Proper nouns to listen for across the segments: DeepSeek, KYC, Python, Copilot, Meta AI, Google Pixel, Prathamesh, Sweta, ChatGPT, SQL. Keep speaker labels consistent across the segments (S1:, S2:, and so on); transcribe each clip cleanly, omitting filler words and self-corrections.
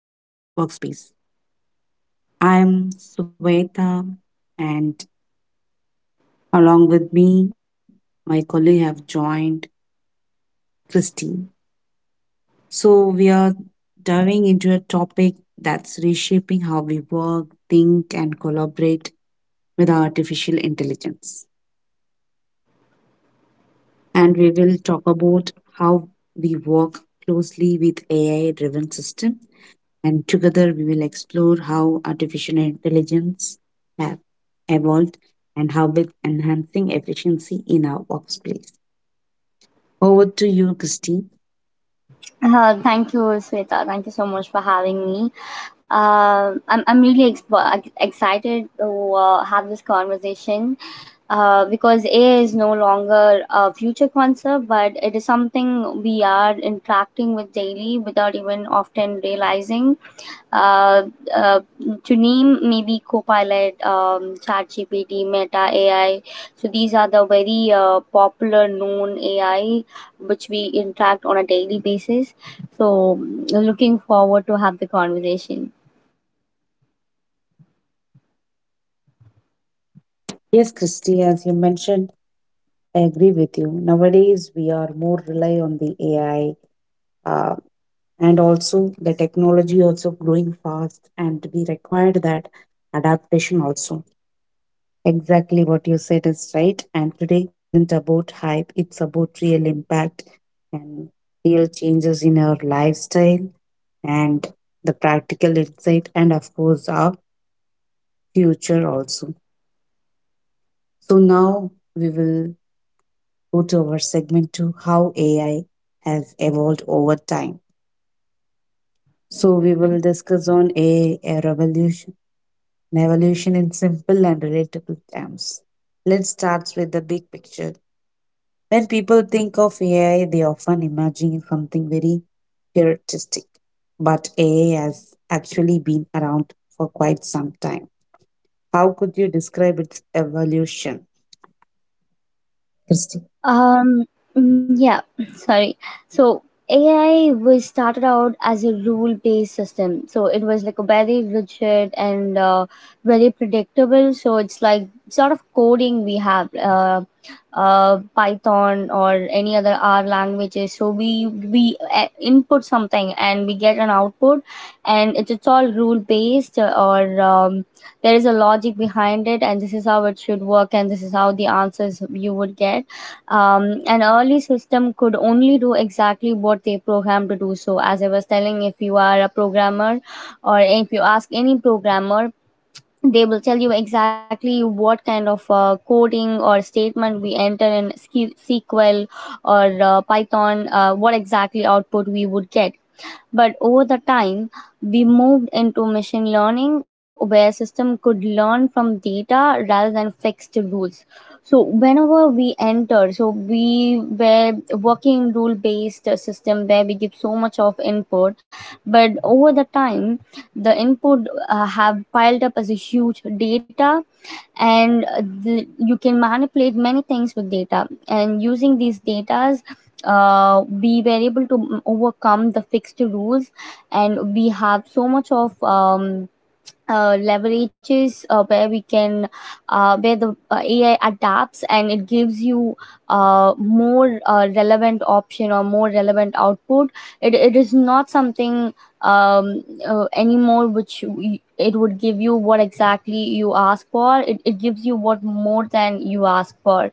S1: Evolving Workspace. I am Sweta, and along with me my colleague have joined Christine. So we are diving into a topic that's reshaping how we work, think and collaborate with artificial intelligence. And we will talk about how we work closely with AI driven system, and together we will explore how artificial intelligence have evolved and how it's enhancing efficiency in our workplace. Over to you, Christy.
S2: Thank you, Sweta. Thank you so much for having me. I'm really excited to have this conversation, because AI is no longer a future concept, but it is something we are interacting with daily without even often realizing. uh, uh, to name maybe Copilot, ChatGPT, Meta AI. So these are the very popular known AI which we interact on a daily basis. So looking forward to have the conversation.
S1: Yes, Christy, as you mentioned, I agree with you. Nowadays, we are more rely on the AI, uh, and also the technology also growing fast, and we required that adaptation also. Exactly what you said is right. And today isn't about hype, it's about real impact and real changes in our lifestyle and the practical insight, and of course, our future also. So, now we will go to our segment to how AI has evolved over time. So, we will discuss on AI revolution and evolution in simple and relatable terms. Let's start with the big picture. When people think of AI, they often imagine something very futuristic, but AI has actually been around for quite some time. How could you describe its evolution, Christy?
S2: Um, yeah, sorry. So AI was started out as a rule-based system. So it was like a very rigid and very predictable. So it's like sort of coding we have, Python or any other R languages. So we input something and we get an output, and it's all rule-based or there is a logic behind it, and this is how it should work, and this is how the answers you would get. An early system could only do exactly what they programmed to do. So, as I was telling, if you are a programmer or if you ask any programmer, they will tell you exactly what kind of coding or statement we enter in SQL or Python, what exactly output we would get. But over the time, we moved into machine learning where system could learn from data rather than fixed rules. So whenever we enter, so we were working rule based system where we give so much of input, but over the time, the input have piled up as a huge data and you can manipulate many things with data, and using these datas we were able to overcome the fixed rules, and we have so much of leverages where we can where the AI adapts, and it gives you more relevant option or more relevant output. It is not something anymore which it would give you what exactly you ask for. It it, gives you what more than you ask for.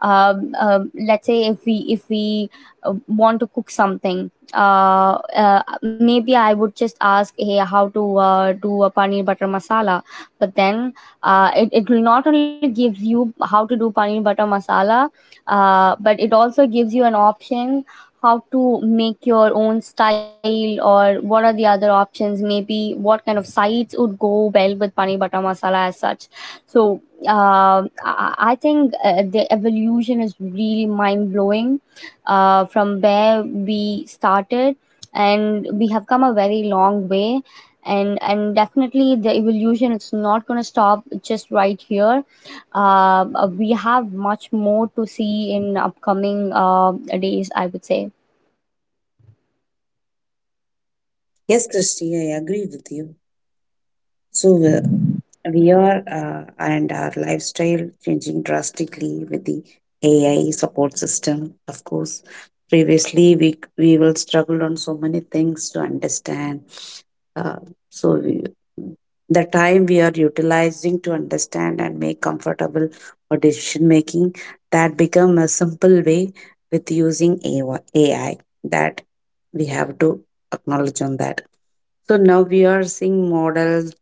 S2: Let's say if we want to cook something, maybe I would just ask, hey, how to do a paneer butter masala. But then it will not only gives you how to do paneer butter masala, but it also gives you an option how to make your own style, or what are the other options, maybe what kind of sides would go well with paneer butter masala as such. So I think the evolution is really mind blowing, from where we started, and we have come a very long way. And definitely the evolution is not going to stop just right here. We have much more to see in upcoming days, I would say.
S1: Yes, Christy, I agree with you. So, we are and our lifestyle changing drastically with the AI support system. Of course, previously we will struggle on so many things to understand. Uh, so we, the time we are utilizing to understand and make comfortable or decision making, that become a simple way with using AI, that we have to acknowledge on that. So now we are seeing models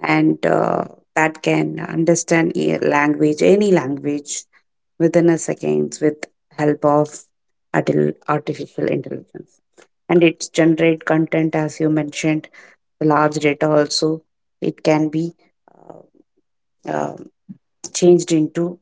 S1: and that can understand a language, any language, within a seconds with help of artificial intelligence. And it generate content as you mentioned. The large data also it can be uh, uh, changed into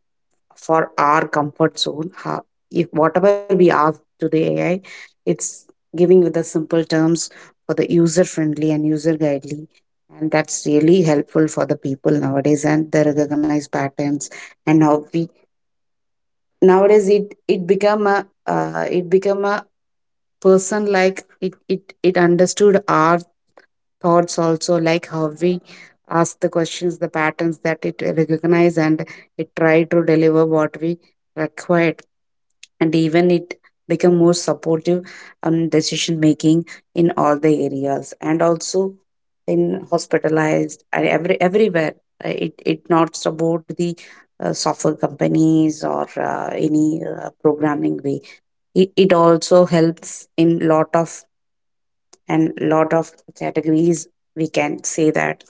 S1: for our comfort zone. How, if whatever we ask to the AI, it's giving with the simple terms for the user friendly and user guidely. And that's really helpful for the people nowadays and the recognized patterns. And how we nowadays, it become a it become a person like, it understood our thoughts also, like how we ask the questions, the patterns that it recognize and it try to deliver what we require. And even it become more supportive on decision making in all the areas, and also in hospitalized and everywhere. It it not about the software companies or any programming way. It also helps in lot of categories, we can say that.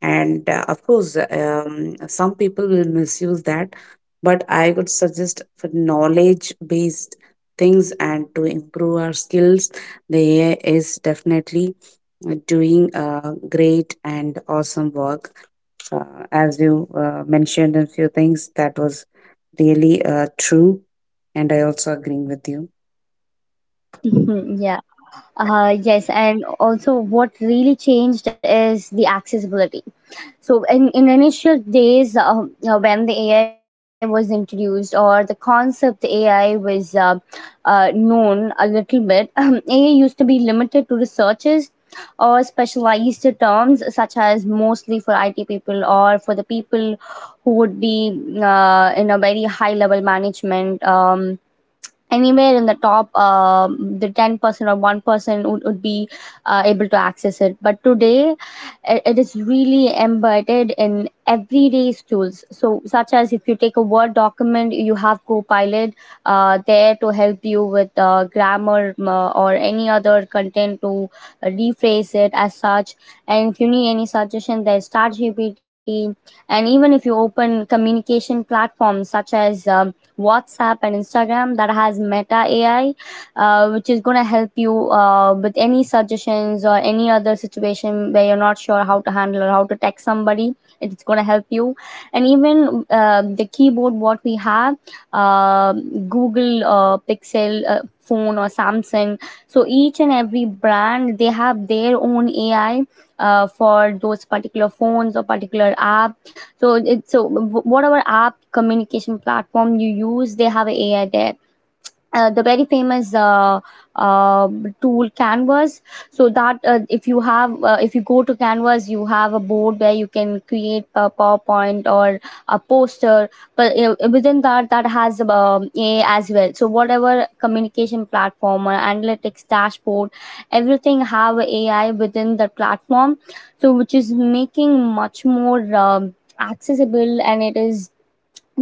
S1: And of course, some people will misuse that, but I would suggest for knowledge based things and to improve our skills, the ai is definitely doing great and awesome work. As you mentioned, a few things that was really true, and I also agreeing with you.
S2: Mhm, yeah. Yes, and also what really changed is the accessibility. So, in initial days, when the AI was introduced, or the concept AI was known a little bit, AI used to be limited to researchers or specialized terms, such as mostly for IT people, or for the people who would be in a very high level management. Anywhere in the top the 10% or 1% would be able to access it, but today it is really embedded in everyday tools, so such as if you take a word document, you have Copilot there to help you with grammar, or any other content to rephrase it as such. And if you need any suggestion, there's ChatGPT. And even if you open communication platforms such as WhatsApp and Instagram, that has Meta AI, which is going to help you with any suggestions or any other situation where you're not sure how to handle or how to text somebody. It's going to help you. And even the keyboard, what we have, Google Pixel. Phone or Samsung, so each and every brand, they have their own AI for those particular phones or particular apps. So it's, so whatever app, communication platform you use, they have AI there. The very famous uh, tool, Canvas. So that if you go to Canvas, you have a board where you can create a PowerPoint or a poster, but within that, that has a as well. So whatever communication platform or analytics dashboard, everything have AI within the platform, so which is making much more accessible, and it is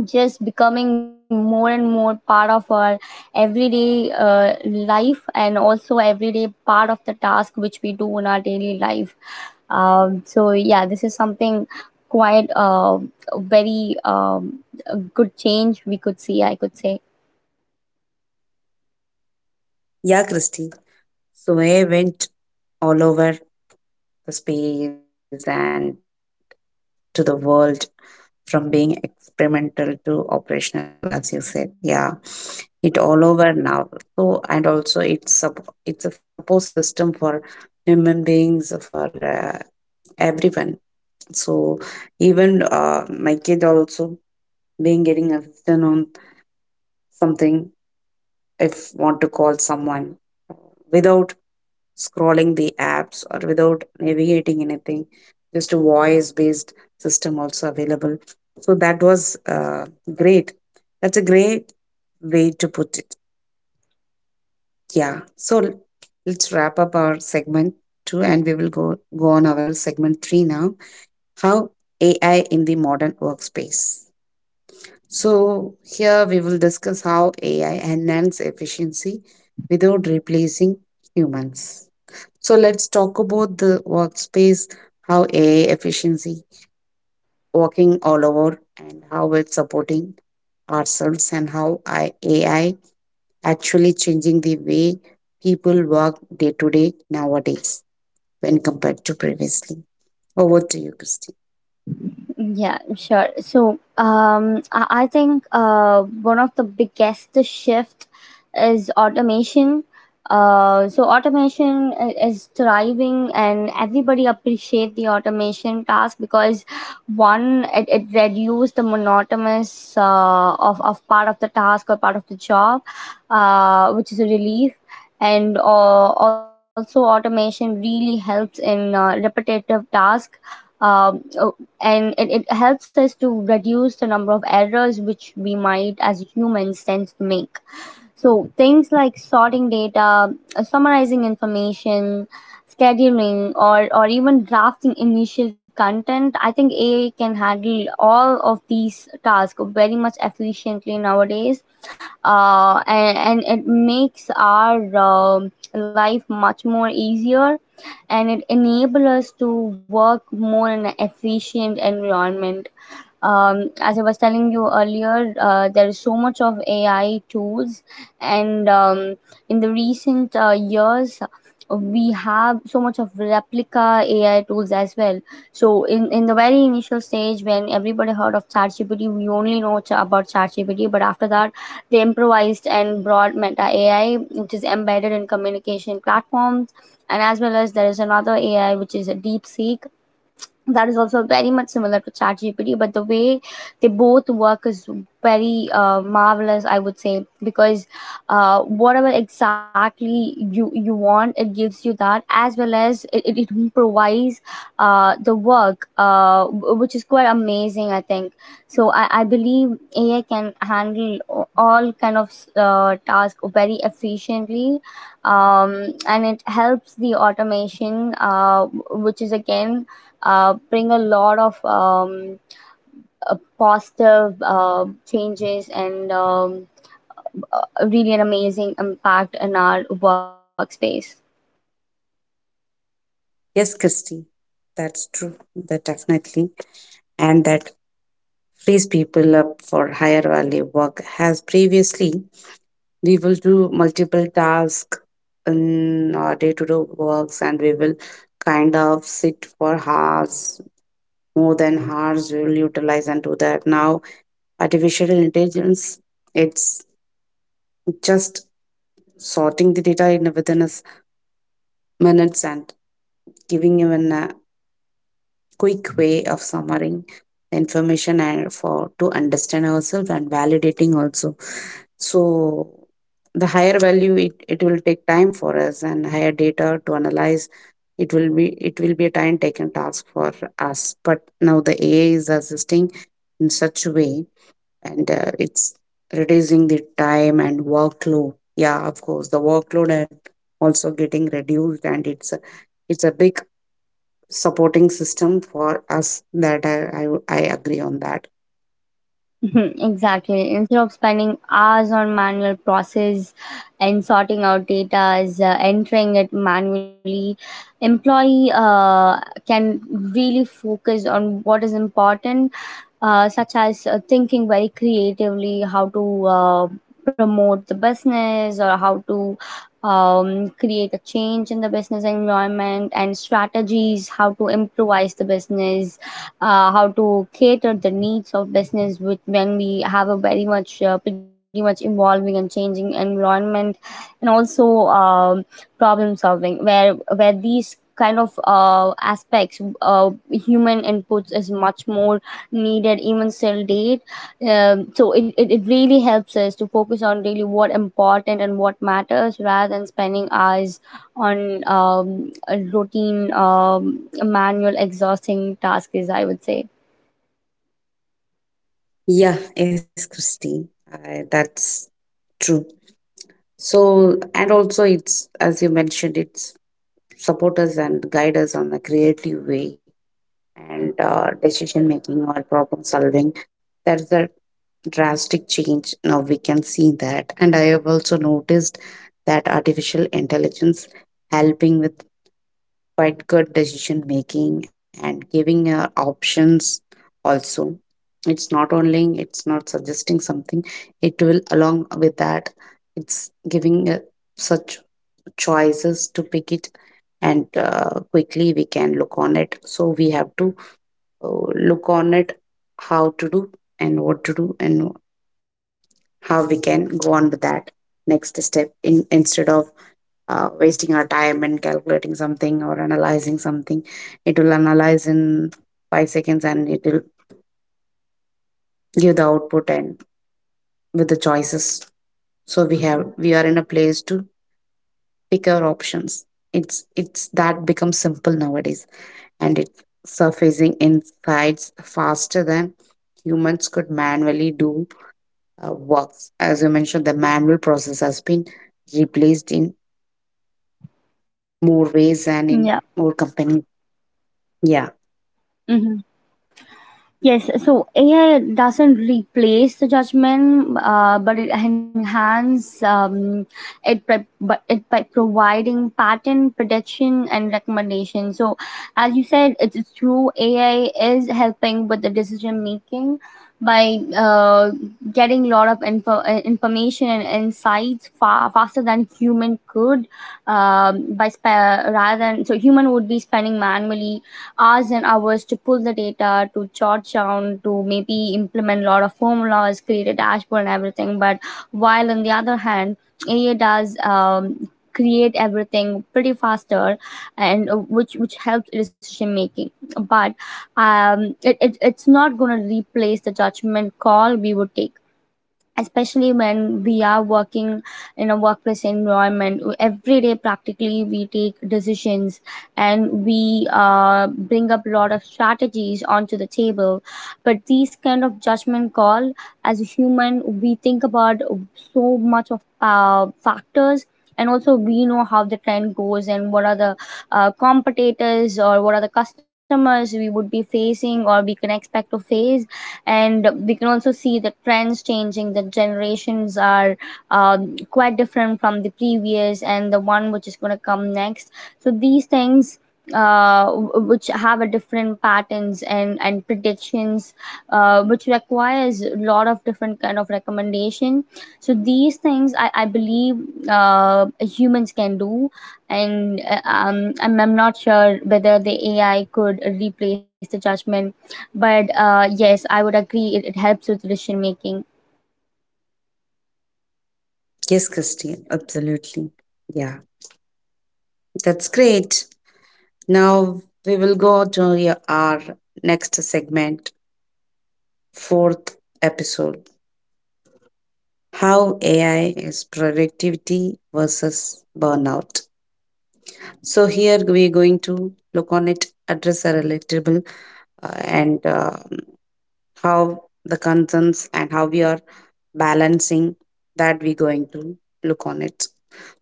S2: just becoming more and more part of our everyday life, and also everyday part of the task which we do in our daily life. So yeah, this is something quite very a good change we could see, I could say.
S1: Yeah, Christy, so I went all over the space and to the world, from being experimental to operational, as you said. Yeah, it all over now. So, and also it's it's a support system for human beings, for uh, everyone. So even my kid also being getting assistant on something. If want to call someone, uh, without scrolling the apps or without navigating anything, just a voice based system also available. So that was great. That's a great way to put it. Yeah, so let's wrap up our segment 2 and we will go on our segment 3 now, how ai in the modern workspace. So here we will discuss how ai enhances efficiency without replacing humans. So let's talk about the workspace, how AI efficiency working all over and how it's supporting ourselves, and how AI actually changing the way people work day to day nowadays when compared to previously. Over to you, Christy.
S2: Yeah, sure. So, I think one of the biggest shift is automation. So automation is thriving, and everybody appreciate the automation task, because one, it reduced the monotonous of part of the task or part of the job, which is a relief. And also, automation really helps in repetitive task, um, and it helps us to reduce the number of errors which we might as humans tend to make. So things like sorting data, summarizing information, scheduling, or even drafting initial content, I think AI can handle all of these tasks very much efficiently nowadays. And it makes our life much more easier, and it enables us to work more in an efficient environment. As I was telling you earlier, there is so much of AI tools, and in the recent years, we have so much of replica AI tools as well. So in the very initial stage, when everybody heard of ChatGPT, we only know about ChatGPT, but after that, they improvised and brought Meta AI, which is embedded in communication platforms, and as well as there is another AI which is a DeepSeek, that is also very much similar to ChatGPT, but the way they both work is very marvelous, I would say, because whatever exactly you want, it gives you that, as well as it provides the work, which is quite amazing, I think. So I believe AI can handle all kind of tasks very efficiently, and it helps the automation, which is again bring a lot of positive changes, and really an amazing impact in our workspace.
S1: Yes, Christy, that's true. That definitely. And that frees people up for higher value work. Has previously, we will do multiple tasks in our day-to-day works, and we will kind of sit for hours, more than hours we will utilize and do that. Now artificial intelligence it's just sorting the data in within us minutes and giving you an quick way of summarizing the information and for to understand ourselves and validating also. So the higher value, it will take time for us, and higher data to analyze, it will be a time taken task for us. But now the AI is assisting in such a way, and it's reducing the time and workload. Yeah, of course, the workload and also getting reduced, and it's a big supporting system for us, that I agree on that.
S2: Mhm, exactly. Instead of spending hours on manual process and sorting out data as entering it manually, employee can really focus on what is important, such as thinking very creatively how to promote the business, or how to create a change in the business environment and strategies, how to improvise the business, how to cater the needs of business with when we have a very much pretty much evolving and changing environment, and also um, problem solving, where these kind of aspects, human inputs is much more needed even still date. So it really helps us to focus on really what important and what matters, rather than spending hours on a routine, manual, exhausting task is, I would say.
S1: Yeah, yes, Christy, that's true. So, and also it's, as you mentioned, it's support us and guide us on a creative way, and decision making or problem solving. That's a drastic change. Now we can see that. And I have also noticed that artificial intelligence helping with quite good decision making and giving options also. It's not only it's not suggesting something, it will along with that, it's giving such choices to pick it. And quickly we can look on it. So we have to look on it how to do and what to do and how we can go on with that next step, in instead of wasting our time and calculating something or analyzing something. It will analyze in five seconds and it will give the output and with the choices. So we have, we are in a place to pick our options. It's that becomes simple nowadays, and it's surfacing insights faster than humans could manually do works. As you mentioned, the manual process has been replaced in more ways and in
S2: Yeah.
S1: more companies. Yeah.
S2: Hmm. Yes, so AI doesn't replace the judgment, but it enhances but it by providing pattern prediction and recommendation. So, as you said, it's true. AI is helping with the decision making by getting a lot of information and insights far faster than human could. Um, by sp- Rather than so, human would be spending manually hours and hours to pull the data, to jot down, to maybe implement a lot of formulas, create a dashboard and everything. But while on the other hand, AI does create everything pretty faster, and which helps decision making. But it's not going to replace the judgment call we would take, especially when we are working in a workplace environment. Every day practically we take decisions and we bring up a lot of strategies onto the table, but these kind of judgment call, as a human, we think about so much of factors, and also we know how the trend goes and what are the competitors or what are the customers we would be facing or we can expect to face. And we can also see the trends changing. The generations are quite different from the previous and the one which is going to come next. So these things, uh, which have a different patterns and predictions, which requires a lot of different kind of recommendation. So these things, I believe, humans can do. And I'm not sure whether the ai could replace the judgment, but yes, I would agree it helps with decision making.
S1: Yes, Christine, absolutely. Yeah, that's great. Now we will go to our next segment, fourth episode, How AI is Productivity versus Burnout. So here we're going to look on it, address a relatable, and how the concerns and how we are balancing, that we're going to look on it.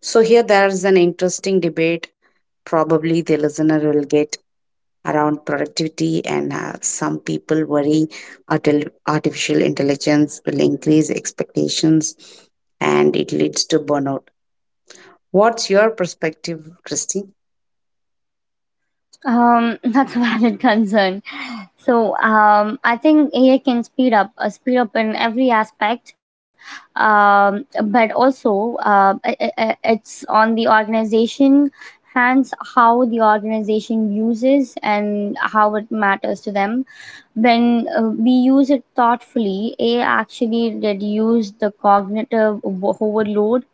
S1: So, here there is an interesting debate probably the listener will get around productivity, and some people worry artificial intelligence will increase expectations and it leads to burnout. What's your perspective, Christy?
S2: That's a valid concern. So I think AI can speed up in every aspect, but also it's on the organization hands, how the organization uses and how it matters to them. When we use it thoughtfully, AI actually reduce the cognitive overload.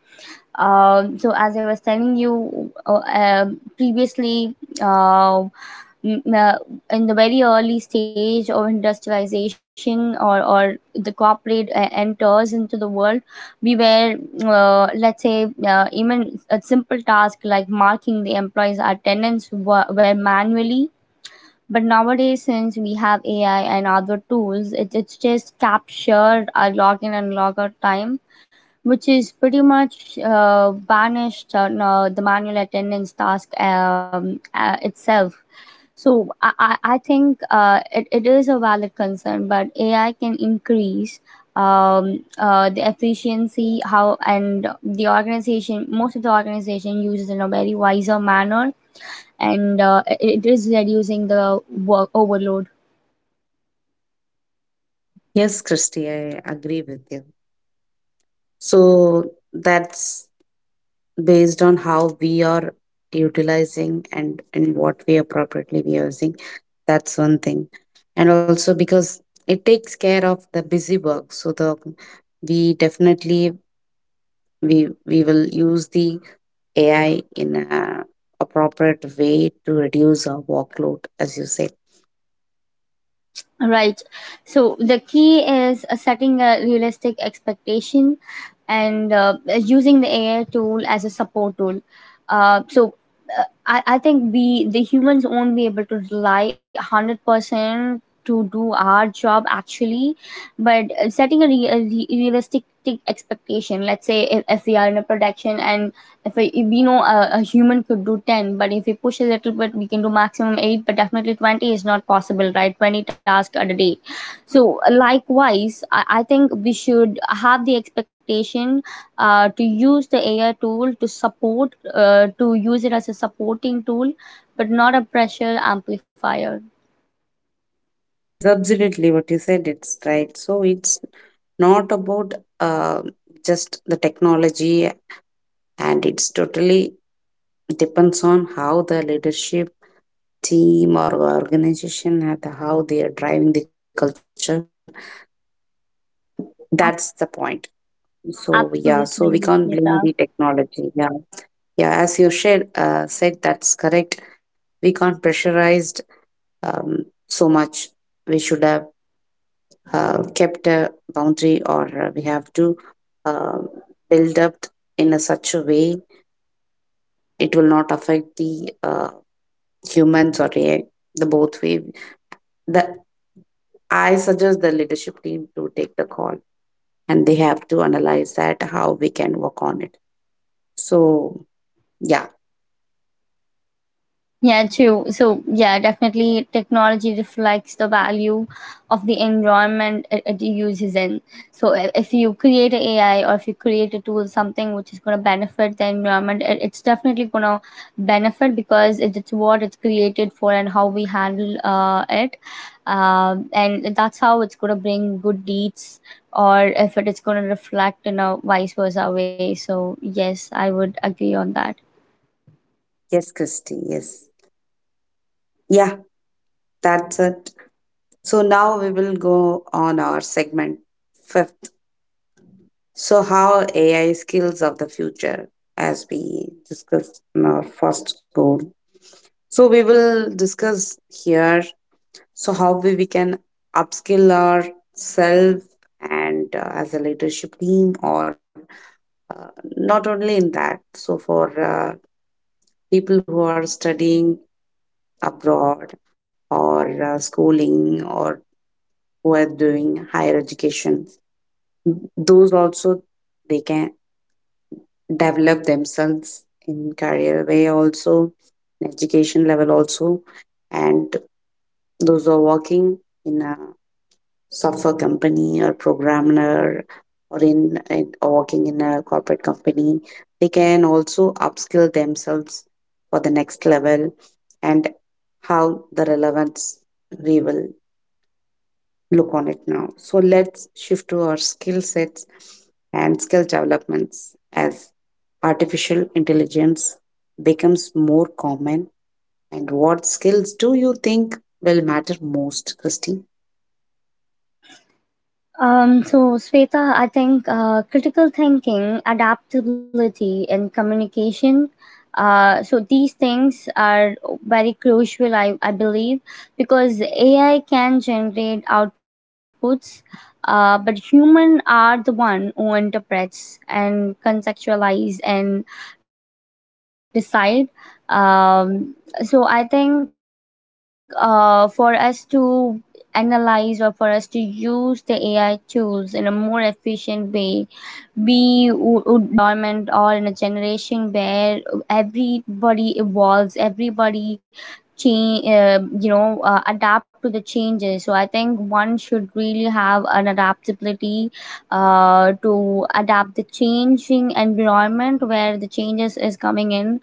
S2: So as I was telling you previously, uh, m- uh, in the very early stage of industrialization, or the corporate enters into the world, we were, let's say, even a simple task like marking the employees' attendance were manually. But nowadays, since we have AI and other tools, it's just captured our login and logout time, which is pretty much banished on no, the manual attendance task itself. So I think it is a valid concern, but AI can increase the efficiency how, and the organization, most of the organization uses in a very wiser manner, and it is reducing the work overload.
S1: Yes, Christy, I agree with you. So that's based on how we are utilizing and what we appropriately be using. That's one thing, and also because it takes care of the busy work. So the we definitely, we will use the ai in a appropriate way to reduce our workload, as you said.
S2: Right. So the key is setting a realistic expectation and using the AI tool as a support tool. Uh, so I think we, the humans, won't be able to rely 100% to do our job actually, but setting a, realistic expectation. Let's say, if we are in a production, and if we know a human could do 10, but if we push a little bit we can do maximum 8, but definitely 20 is not possible, right? 20 tasks at a day. So likewise, I think we should have the expectation to use the ai tool to support, to use it as a supporting tool, but not a pressure amplifier.
S1: Yes, absolutely, what you said it's right. So it's not about just the technology, and it's totally depends on how the leadership team or organization and how they are driving the culture. That's the point. So yeah, so we can't
S2: Absolutely,
S1: blame the
S2: Smita.
S1: technology. Yeah. Yeah, as you said, that's correct. We can't pressurized so much. We should have kept a boundary, or we have to uh, build up in a such a way it will not affect the humans or AI, the both way. The I suggest the leadership team to take the call, and they have to analyze that how we can work on it. So yeah,
S2: Yeah, true. So, yeah, definitely technology reflects the value of the environment it uses in. So, if you create a AI or if you create a tool, something which is going to benefit the environment, it's definitely going to benefit, because it's what it's created for and how we handle it. And that's how it's going to bring good deeds, or if it is going to reflect in a vice versa way. So, yes, I would agree on that.
S1: yes, Christy, yes, yeah, that's it. So now we will go on our segment fifth. So how AI skills of the future, as we discussed in our first goal. So we will discuss here, so how we can upskill ourselves and as a leadership team or uh, not only in that. So for people who are studying abroad or schooling or who are doing higher education, those also they can develop themselves in career way also, in education level also. And those who are working in a software company or programmer or in or working in a corporate company, they can also upskill themselves for the next level, and how the relevance we will look on it now. So let's shift to our skill sets and skill developments as artificial intelligence becomes more common. And what skills do you think will matter most, Christine?
S2: So, Sveta, I think critical thinking, adaptability, and communication. So these things are very crucial, I believe, because AI can generate outputs, but human are the one who interprets and contextualize and decide. Um, so I think for us to analyze, or for us to use the AI tools in a more efficient way, we would need to adapt. So we are in a environment or in a generation where everybody evolves, everybody change, adapt to the changes. So I think one should really have an adaptability to adapt the changing environment, where the changes is coming in,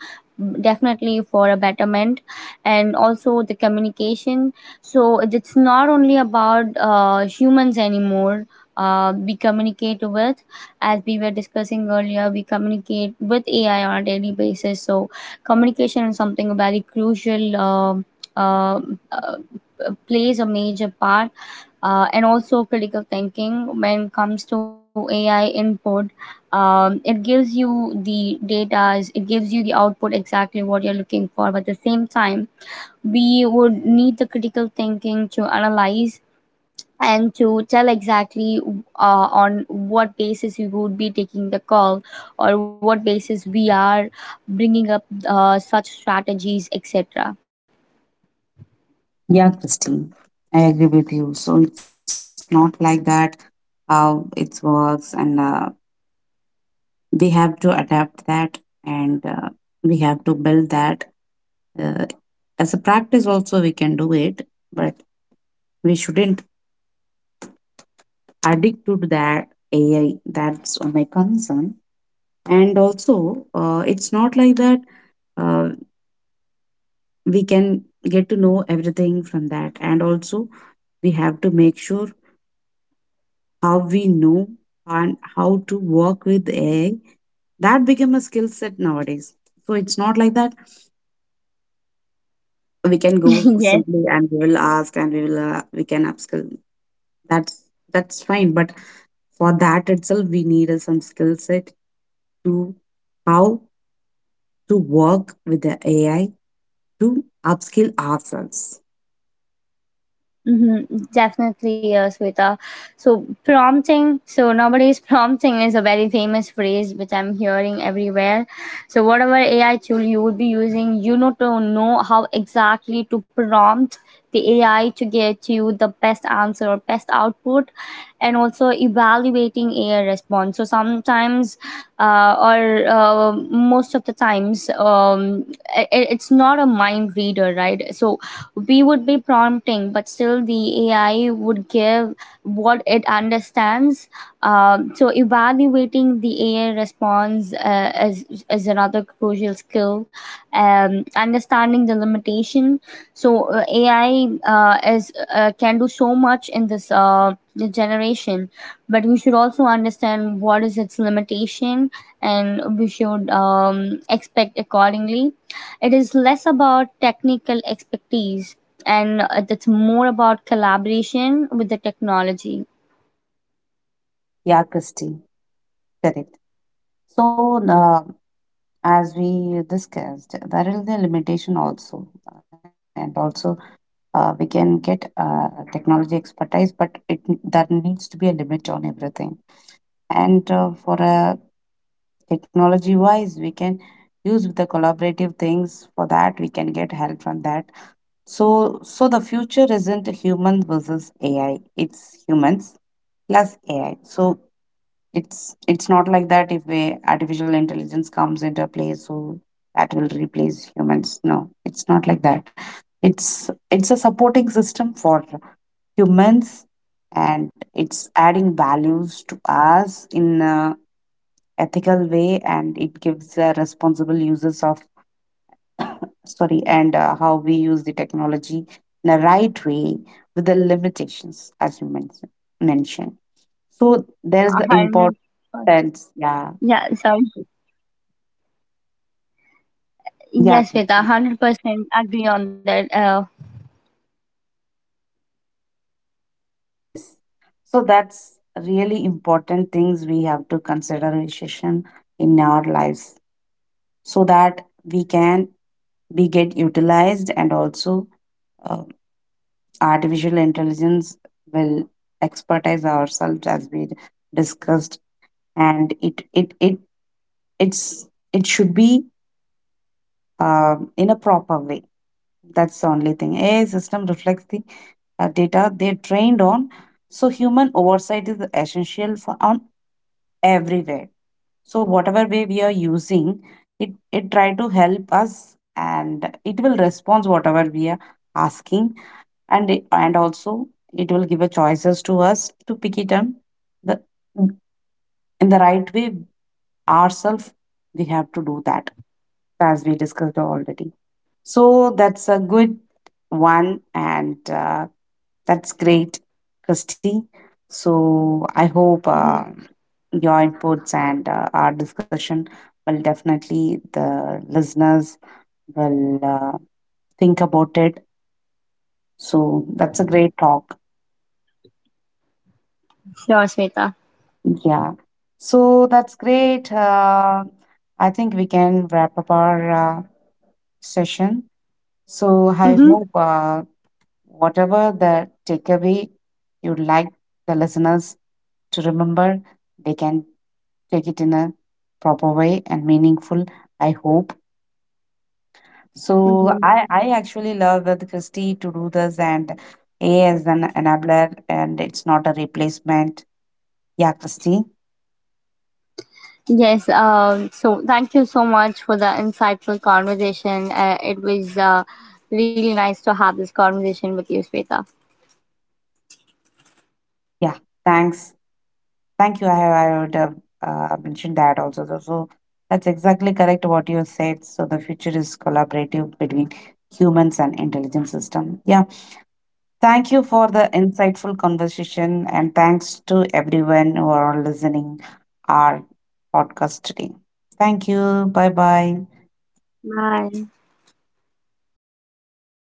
S2: definitely for a betterment. And also the communication. So it's not only about humans anymore. We communicate with, as we were discussing earlier, we communicate with AI on a daily basis. So communication is something very crucial. Uh, uh, Plays a major part, and also critical thinking. When it comes to ai input, it gives you the data, it gives you the output exactly what you're looking for, but at the same time we would need the critical thinking to analyze and to tell exactly on what basis we would be taking the call, or what basis we are bringing up such strategies, etc.
S1: Yeah, Christine, I agree with you. So it's not like that how it works, and we have to adapt that, and we have to build that. Uh, as a practice, also, we can do it, but we shouldn't Addict to that AI. That's my concern. And also, it's not like that uh, we can get to know everything from that. And also, we have to make sure how we know and how to work with AI. That become a skill set nowadays. So it's not like that we can go
S2: Yes.
S1: simply and we will ask and we can upskill. That's fine. But for that itself, we need some skill set to how to work with the AI to upskill ourselves.
S2: Mhm, definitely, Sweta. So, prompting. So, nowadays, prompting is a very famous phrase which I'm hearing everywhere. So, whatever AI tool you would be using, you know, to know how exactly to prompt the AI to get you the best answer or best output, and also evaluating AI response. So, sometimes, or most of the times, it's not a mind reader, right? So, we would be prompting, but still the AI would give what it understands. So evaluating the AI response is another crucial skill. Understanding the limitation. So AI is can do so much in this generation, but we should also understand what is its limitation, and we should expect accordingly. It is less about technical expertise, and it's more about collaboration with the technology.
S1: Yeah, Christy, correct. So, as we discussed, there is the limitation also, and also we can get technology expertise, but it there needs to be a limit on everything. And for a technology wise, we can use the collaborative things. For that, we can get help from that. So, so the future isn't humans versus AI. It's humans plus AI. So it's not like that. If a artificial intelligence comes into play, so that will replace humans. No, it's not like that. It's a supporting system for humans, and it's adding values to us in a ethical way, and it gives a responsible uses of, sorry, and how we use the technology in the right way with the limitations, as you mentioned. So there's the
S2: A hundred percent.
S1: importance, yeah,
S2: Yeah, sorry.
S1: yeah,
S2: Yes, Sweta,
S1: Karthik,
S2: 100% agree on that. Uh.
S1: yes. So that's really important things we have to consider recession in our lives, so that we can be get utilized. And also uh, artificial intelligence will expertise ourselves, as we discussed. And it it should be in a proper way. That's the only thing. Ai system reflects the data they're trained on, so human oversight is essential for on everywhere. So whatever way we are using it, it try to help us, and it will respond whatever we are asking. And also it will give a choices to us to pick it up, the in the right way. Ourselves, we have to do that, as we discussed already. So that's a good one, and that's great, Christy. So I hope
S2: Mhm.
S1: your inputs and our discussion will definitely, the listeners will think about it. So that's a great talk.
S2: Sure, Sweta.
S1: Yeah. So that's great. I think we can wrap up our session. So I
S2: Mm-hmm.
S1: hope whatever the takeaway you'd like the listeners to remember, they can take it in a proper way and meaningful, I hope. So
S2: Mm-hmm.
S1: I actually love with Christy to do this, and A as an enabler and it's not a replacement. Yeah, Christy.
S2: Yes. So, thank you so much for the insightful conversation. It was really nice to have this conversation with you, Sweta.
S1: Yeah. Thanks. Thank you. I would have mentioned that also. So, so that's exactly correct what you said. So the future is collaborative between humans and intelligent system. Yeah. Thank you for the insightful conversation, and thanks to everyone who are listening our podcast today. Thank you. Bye bye.
S2: Bye.